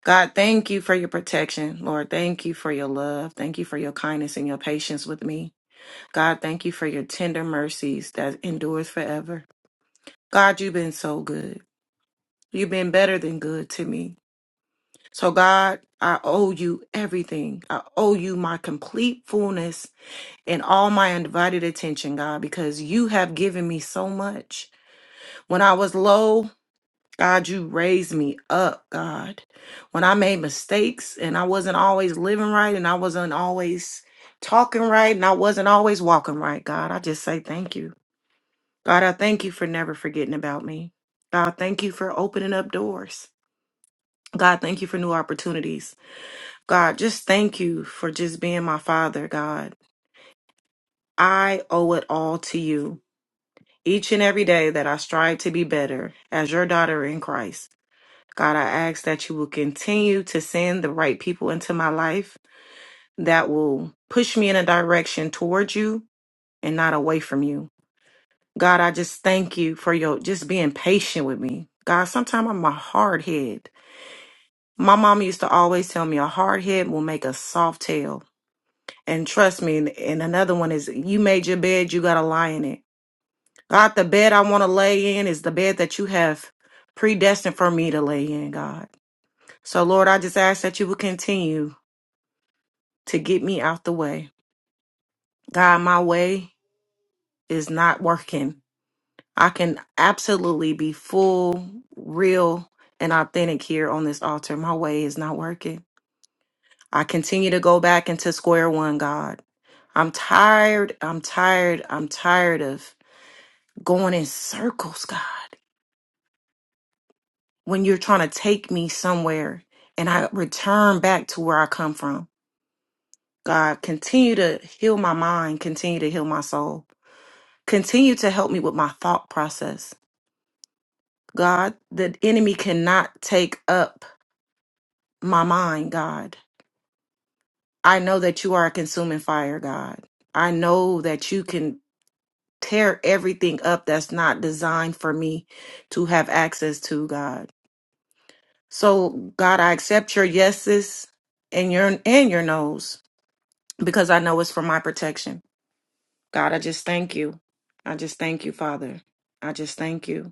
[SPEAKER 5] God, thank you for your protection. Lord, thank you for your love. Thank you for your kindness and your patience with me. God, thank you for your tender mercies that endures forever. God, you've been so good. You've been better than good to me. So, God, I owe you everything. I owe you my complete fullness and all my undivided attention, God, because you have given me so much. When I was low, God, you raised me up, God. When I made mistakes and I wasn't always living right and I wasn't always talking right and I wasn't always walking right, God, I just say thank you. God, I thank you for never forgetting about me. God, thank you for opening up doors. God, thank you for new opportunities. God, just thank you for just being my father, God. I owe it all to you. Each and every day that I strive to be better as your daughter in Christ. God, I ask that you will continue to send the right people into my life that will push me in a direction towards you and not away from you. God, I just thank you for your just being patient with me. God, sometimes I'm a hard head. My mom used to always tell me a hard head will make a soft tail. And trust me, and, and another one is you made your bed, you got to lie in it. God, the bed I want to lay in is the bed that you have predestined for me to lay in, God. So, Lord, I just ask that you will continue to get me out the way. God, my way is not working. I can absolutely be full, real, and authentic here on this altar. My way is not working. I continue to go back into square one, God. I'm tired, I'm tired, I'm tired of going in circles, God. When you're trying to take me somewhere and I return back to where I come from. God, continue to heal my mind, continue to heal my soul. Continue to help me with my thought process. God, the enemy cannot take up my mind, God. I know that you are a consuming fire, God. I know that you can tear everything up that's not designed for me to have access to, God. So, God, I accept your yeses and your and your nos because I know it's for my protection. God, I just thank you. I just thank you, Father. I just thank you.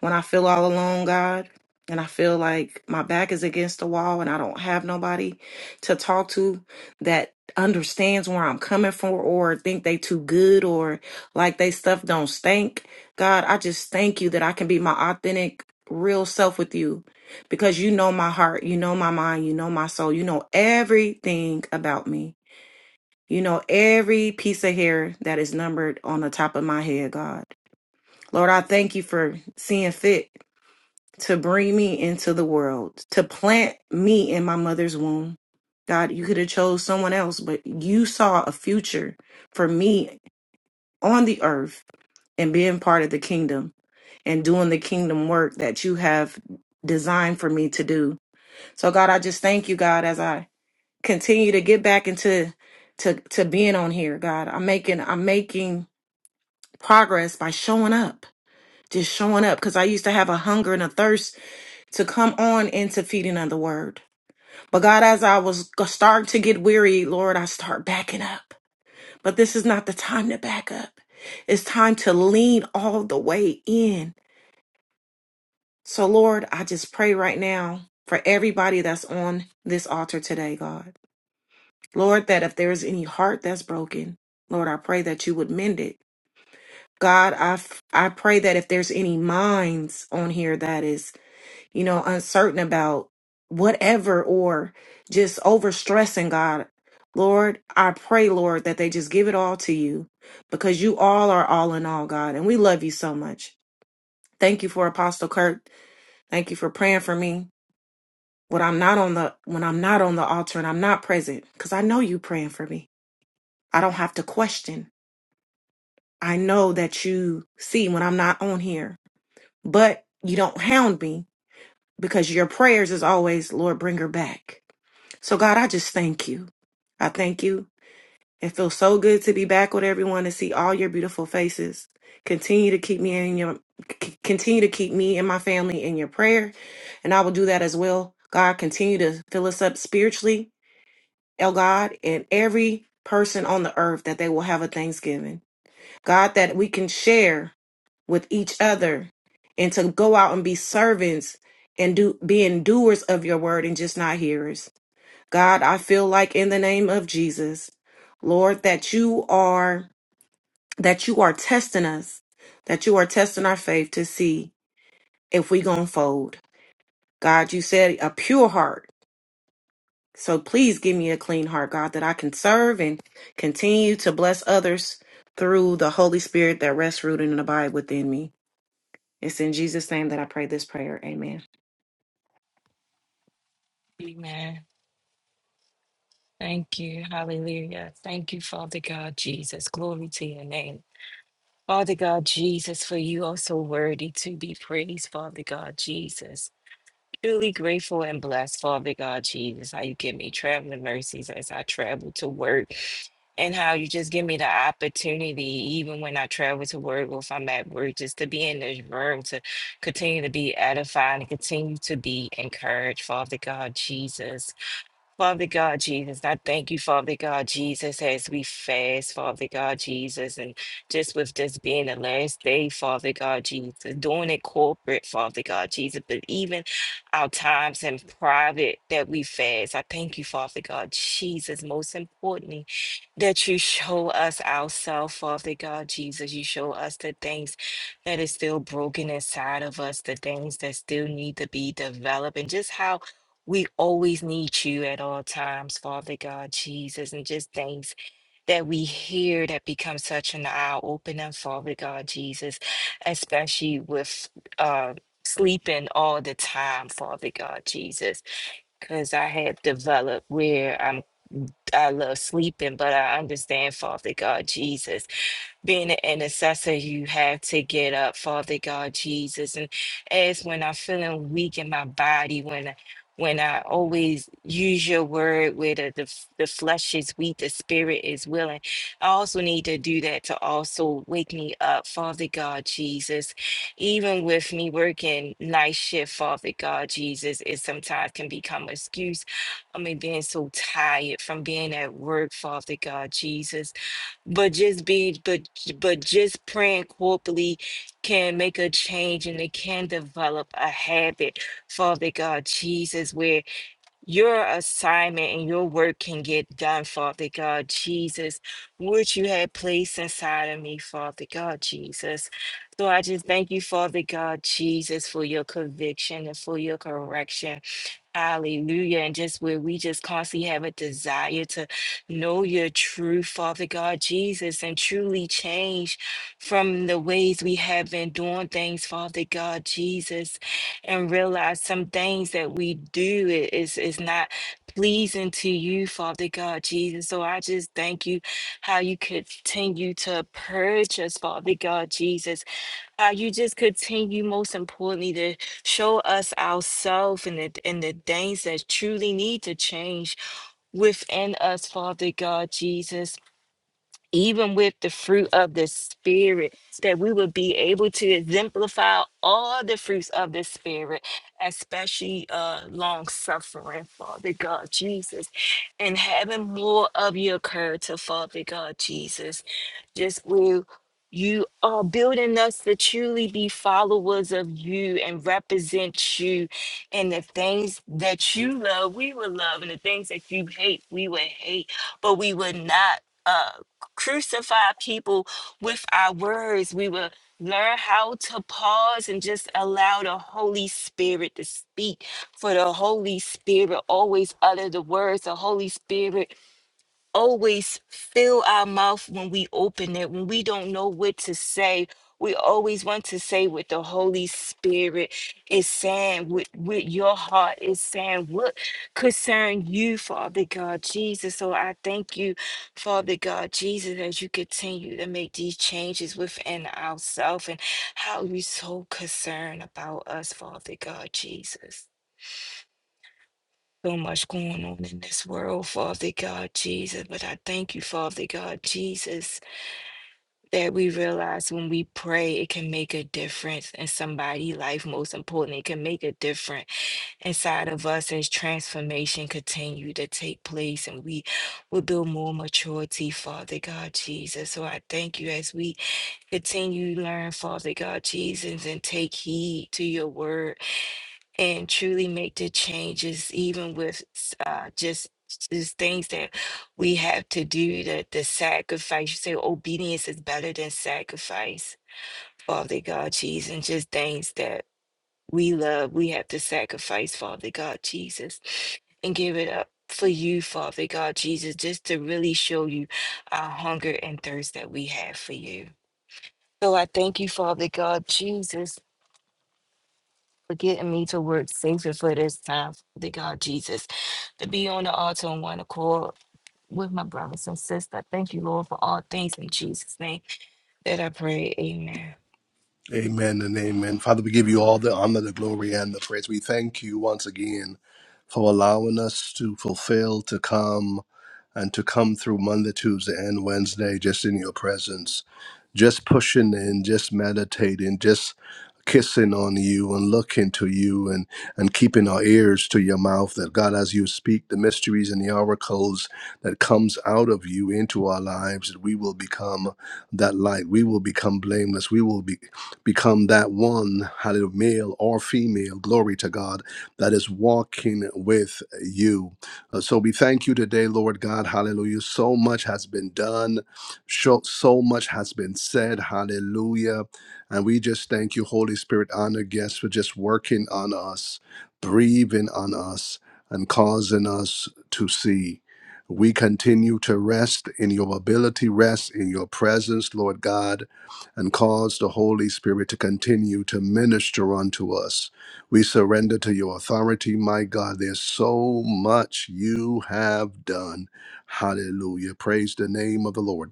[SPEAKER 5] When I feel all alone, God, and I feel like my back is against the wall and I don't have nobody to talk to that understands where I'm coming from or think they too good or like they stuff don't stink. God, I just thank you that I can be my authentic real self with you because you know my heart, you know my mind, you know my soul, you know everything about me. You know every piece of hair that is numbered on the top of my head, God. Lord, I thank you for seeing fit to bring me into the world, to plant me in my mother's womb. God, you could have chose someone else, but you saw a future for me on the earth and being part of the kingdom and doing the kingdom work that you have designed for me to do. So God, I just thank you, God, as I continue to get back into to to being on here, God. I'm making I'm making progress by showing up. Just showing up because I used to have a hunger and a thirst to come on into feeding on the word. But God, as I was g- starting to get weary, Lord, I start backing up. But this is not the time to back up. It's time to lean all the way in. So, Lord, I just pray right now for everybody that's on this altar today, God. Lord, that if there's any heart that's broken, Lord, I pray that you would mend it. God, I, f- I pray that if there's any minds on here that is you know, uncertain about whatever or just overstressing God. Lord, I pray, Lord, that they just give it all to you because you all are all in all, God, and we love you so much. Thank you for Apostle Kirk. Thank you for praying for me. When I'm not on the when I'm not on the altar and I'm not present, because I know you praying for me. I don't have to question. I know that you see when I'm not on here. But you don't hound me because your prayers is always, Lord, bring her back. So, God, I just thank you. I thank you. It feels so good to be back with everyone and see all your beautiful faces. Continue to keep me in your c- continue to keep me and my family in your prayer, and I will do that as well. God, continue to fill us up spiritually, El God, and every person on the earth that they will have a Thanksgiving. God, that we can share with each other and to go out and be servants and do being doers of your word and just not hearers. God, I feel like in the name of Jesus, Lord, that you are that you are testing us, that you are testing our faith to see if we gonna fold. God, you said a pure heart. So please give me a clean heart, God, that I can serve and continue to bless others through the Holy Spirit that rests rooted and abide within me. It's in Jesus' name that I pray this prayer. Amen.
[SPEAKER 6] Amen. Thank you. Hallelujah. Thank you, Father God Jesus. Glory to your name. Father God Jesus, for you are so worthy to be praised, Father God Jesus. Truly grateful and blessed, Father God Jesus, how you give me traveling mercies as I travel to work and how you just give me the opportunity, even when I travel to work or if I'm at work, just to be in this room, to continue to be edified and continue to be encouraged, Father God Jesus. Father God Jesus, I thank you, Father God Jesus, as we fast, Father God Jesus, and just with this being the last day, Father God Jesus, doing it corporate, Father God Jesus, but even our times in private that we fast. I thank you, Father God Jesus, most importantly, that you show us ourselves, Father God Jesus. You show us the things that is still broken inside of us, the things that still need to be developed, and just how we always need you at all times, Father God, Jesus, and just things that we hear that become such an eye opener, Father God, Jesus, especially with uh, sleeping all the time, Father God, Jesus, because I have developed where I'm. I love sleeping, but I understand, Father God, Jesus being an intercessor, you have to get up, Father God Jesus. And as when I'm feeling weak in my body, when when I always use your word where the, the, f- the flesh is weak, the spirit is willing. I also need to do that to also wake me up, Father God Jesus. Even with me working night shift, Father God Jesus, it sometimes can become an excuse. I mean, being so tired from being at work, Father God Jesus. But just be, but but just praying corporately can make a change, and it can develop a habit, Father God Jesus, where your assignment and your work can get done, Father God Jesus, which you had placed inside of me, Father God Jesus. So I just thank you, Father God Jesus, for your conviction and for your correction. Hallelujah. And just where we just constantly have a desire to know your truth, Father God, Jesus, and truly change from the ways we have been doing things, Father God, Jesus, and realize some things that we do i- is, is not pleasing to you, Father God, Jesus. So I just thank you how you continue to purge us, Father God, Jesus uh, you just continue, most importantly, to show us ourselves and the and the things that truly need to change within us, Father God Jesus. Even with the fruit of the Spirit, that we would be able to exemplify all the fruits of the Spirit, especially uh, long suffering, Father God Jesus, and having more of your character, Father God Jesus just where you are building us to truly be followers of you and represent you. And the things that you love, we will love. And the things that you hate, we will hate. But we will not uh, crucify people with our words. We will learn how to pause and just allow the Holy Spirit to speak. For the Holy Spirit always utter the words. The Holy Spirit always fill our mouth when we open it, when we don't know what to say. We always want to say what the Holy Spirit is saying, what, what your heart is saying, what concern you, Father God Jesus. So I thank you, Father God Jesus, as you continue to make these changes within ourselves and how you so concerned about us, Father God Jesus. So much going on in this world, Father God Jesus. But I thank you, Father God Jesus, that we realize when we pray, it can make a difference in somebody's life. Most importantly, it can make a difference inside of us as transformation continue to take place and we will build more maturity, Father God Jesus. So I thank you as we continue to learn, Father God Jesus, and take heed to your word and truly make the changes, even with uh, just just things that we have to do, That the sacrifice. You say obedience is better than sacrifice, Father God Jesus, and just things that we love, we have to sacrifice, Father God Jesus, and give it up for you, Father God Jesus, just to really show you our hunger and thirst that we have for you. So I thank you, Father God Jesus for getting me to work safer for this time, The God Jesus, to be on the altar on one accord with my brothers and sisters. Thank you, Lord, for all things in Jesus' name that I pray. Amen.
[SPEAKER 1] Amen and amen. Father, we give you all the honor, the glory, and the praise. We thank you once again for allowing us to fulfill, to come, and to come through Monday, Tuesday, and Wednesday just in your presence, just pushing in, just meditating, just kissing on you and looking to you and, and keeping our ears to your mouth that God, as you speak the mysteries and the oracles that comes out of you into our lives, that we will become that light. We will become blameless. We will be become that one, hallelujah, male or female, glory to God, that is walking with you. Uh, so we thank you today, Lord God, hallelujah. So much has been done, so, so much has been said, hallelujah. And we just thank you, Holy Spirit, honor guests, for just working on us, breathing on us, and causing us to see. We continue to rest in your ability, rest in your presence, Lord God and cause the Holy Spirit to continue to minister unto us. We surrender to your authority, my God. There's so much you have done. Hallelujah. Praise the name of the Lord.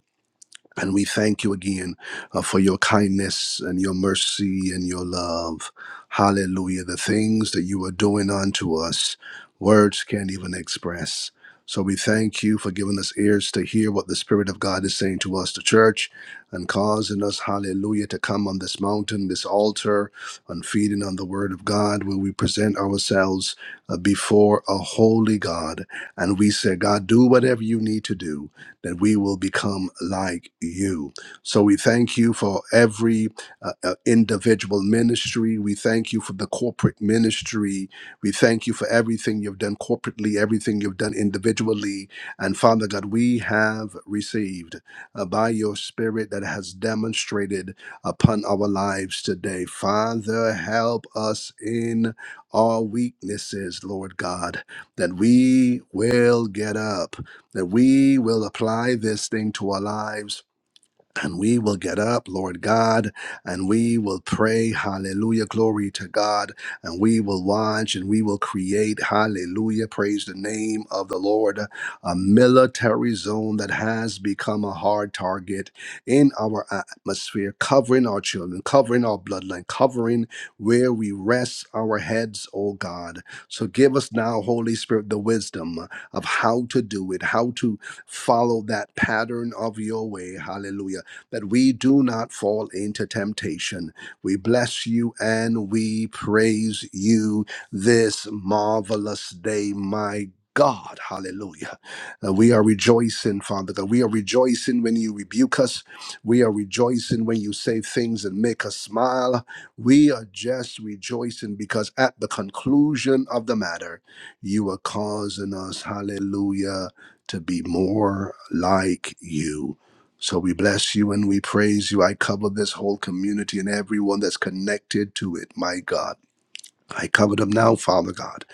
[SPEAKER 1] And we thank you again uh, for your kindness and your mercy and your love. Hallelujah. The things that you are doing unto us, words can't even express. So we thank you for giving us ears to hear what the Spirit of God is saying to us, the church, and causing us, hallelujah, to come on this mountain, this altar, and feeding on the Word of God, where we present ourselves uh, before a holy God. And we say, God, do whatever you need to do that we will become like you. So we thank you for every uh, uh, individual ministry. We thank you for the corporate ministry. We thank you for everything you've done corporately, everything you've done individually. And Father God, we have received uh, by your Spirit that has demonstrated upon our lives today. Father, help us in our weaknesses, Lord God, that we will get up that we will apply this thing to our lives and we will get up, Lord God, and we will pray, hallelujah, glory to God, and we will watch and we will create, hallelujah, praise the name of the Lord, a military zone that has become a hard target in our atmosphere, covering our children, covering our bloodline, covering where we rest our heads, oh God. So give us now, Holy Spirit, the wisdom of how to do it, how to follow that pattern of your way, hallelujah that we do not fall into temptation. We bless you and we praise you this marvelous day, my God, hallelujah. Uh, we are rejoicing, Father God. We are rejoicing when you rebuke us. We are rejoicing when you say things that make us smile. We are just rejoicing because at the conclusion of the matter, you are causing us, hallelujah, to be more like you. So we bless you and we praise you. I cover this whole community and everyone that's connected to it, my God. I cover them now, Father God.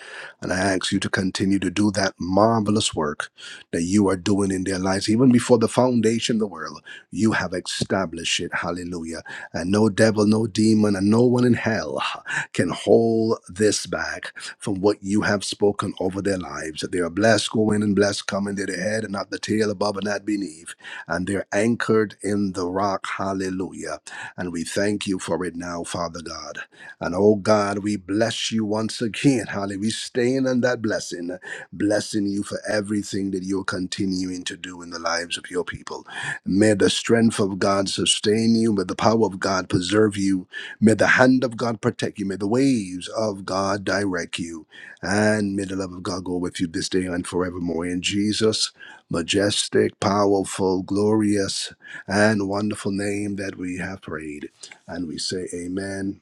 [SPEAKER 1] And I ask you to continue to do that marvelous work that you are doing in their lives. Even before the foundation of the world, you have established it. Hallelujah. And no devil, no demon, and no one in hell can hold this back from what you have spoken over their lives. That they are blessed going and blessed coming. They're the head and not the tail, above and not beneath. And they're anchored in the rock. Hallelujah. And we thank you for it now, Father God. And oh God, we bless you bless you once again. <laughs> Hallelujah. We staying on that blessing, blessing you for everything that you're continuing to do in the lives of your people. May the strength of God sustain you. May the power of God preserve you. May the hand of God protect you. May the waves of God direct you. And may the love of God go with you this day and forevermore. In Jesus' majestic, powerful, glorious, and wonderful name that we have prayed. And we say, Amen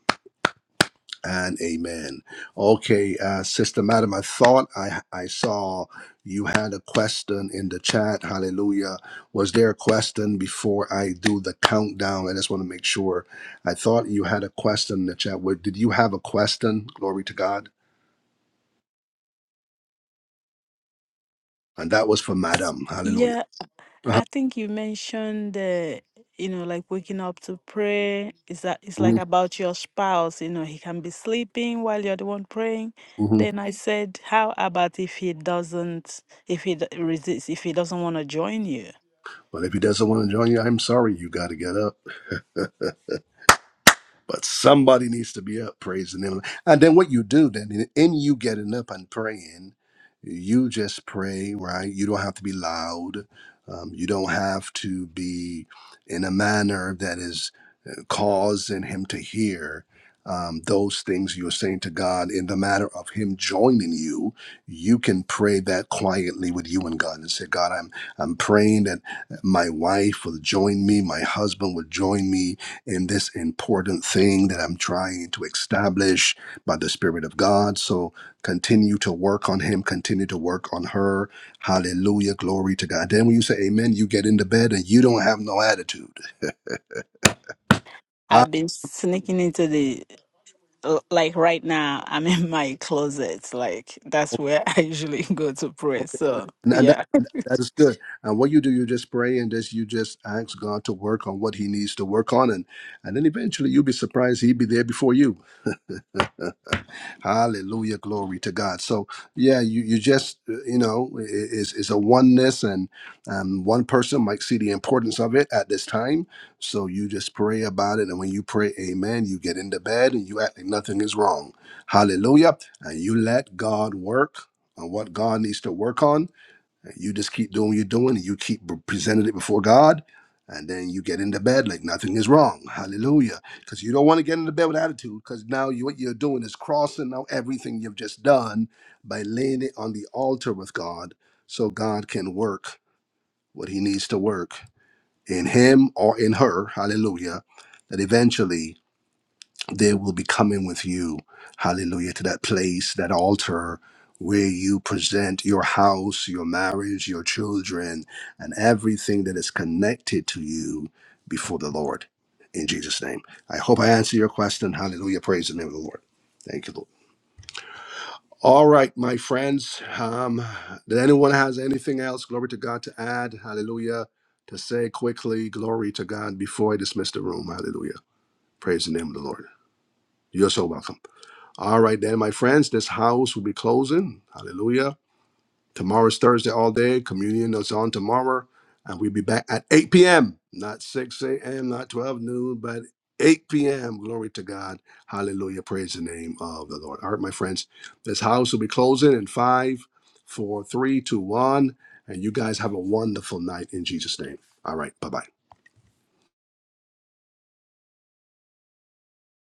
[SPEAKER 1] and amen. Okay, uh, Sister Madam, I thought I I saw you had a question in the chat. Hallelujah. Was there a question before I do the countdown? I just want to make sure. I thought you had a question in the chat. What- Did you have a question? Glory to God. And that was for Madam.
[SPEAKER 3] Yeah.
[SPEAKER 1] Hallelujah. Uh-huh.
[SPEAKER 3] I think you mentioned, uh, you know, like waking up to pray. Is that it's like
[SPEAKER 1] Mhm,
[SPEAKER 3] about your spouse? You know, he can be sleeping while you're the one praying.
[SPEAKER 1] mhm.
[SPEAKER 3] Then I said, how about if he doesn't, if he d- resists, if he doesn't want to join you?
[SPEAKER 1] But if he doesn't want to join you, I'm sorry. You got to get up. But somebody needs to be up praising him. And then what you do then, in you getting up and praying, you just pray, right? You don't have to be loud. Um, you don't have to be in a manner that is uh, causing him to hear um, those things you're saying to God in the matter of him joining you. You can pray that quietly with you and God and say, God, I'm I'm praying that my wife will join me, my husband will join me in this important thing that I'm trying to establish by the Spirit of God. So continue to work on him, continue to work on her. Hallelujah. Glory to God. Then when you say amen, you get into bed and you don't have no attitude. Ah,
[SPEAKER 3] I've been sneaking into the l- like right now. I'm in my closet. Like that's where I usually <laughs> go to pray. So
[SPEAKER 1] And and
[SPEAKER 3] yeah.
[SPEAKER 1] that, that is good. And what you do, you just pray and just you just ask God to work on what He needs to work on, and and then eventually you'll be surprised He'll be there before you. Hallelujah, glory to God. So yeah, you you just uh, you know i- i- is is a oneness, and um, one person might see the importance of it at this time. So you just pray about it, and when you pray, Amen, you get into bed and you act like nothing is wrong. Hallelujah, and you let God work on what God needs to work on you just keep doing what you're doing, and you keep presenting it before God, and then you get into bed like nothing is wrong. Hallelujah. Because you don't want to get into bed with attitude, because now you, what you're doing is crossing out everything you've just done by laying it on the altar with God so God can work what he needs to work in him or in her. Hallelujah. That eventually they will be coming with you, hallelujah, to that place, that altar where you present your house, your marriage, your children, and everything that is connected to you before the Lord. In Jesus' name. I hope I answered your question. Hallelujah. Praise the name of the Lord. Thank you, Lord. All right, my friends. Um, did anyone has anything else? Glory to God to add. Hallelujah. To say quickly, glory to God before I dismiss the room. Hallelujah. Praise the name of the Lord. You're so welcome. All right, then, my friends, this house will be closing. Hallelujah. Tomorrow is Thursday all day. Communion is on tomorrow. And we'll be back at 8 p.m., not 6 a.m., not 12 noon, but 8 p.m. Glory to God. Hallelujah. Praise the name of the Lord. All right, my friends, this house will be closing in five, four, three, two, one. And you guys have a wonderful night in Jesus' name. All right, bye bye.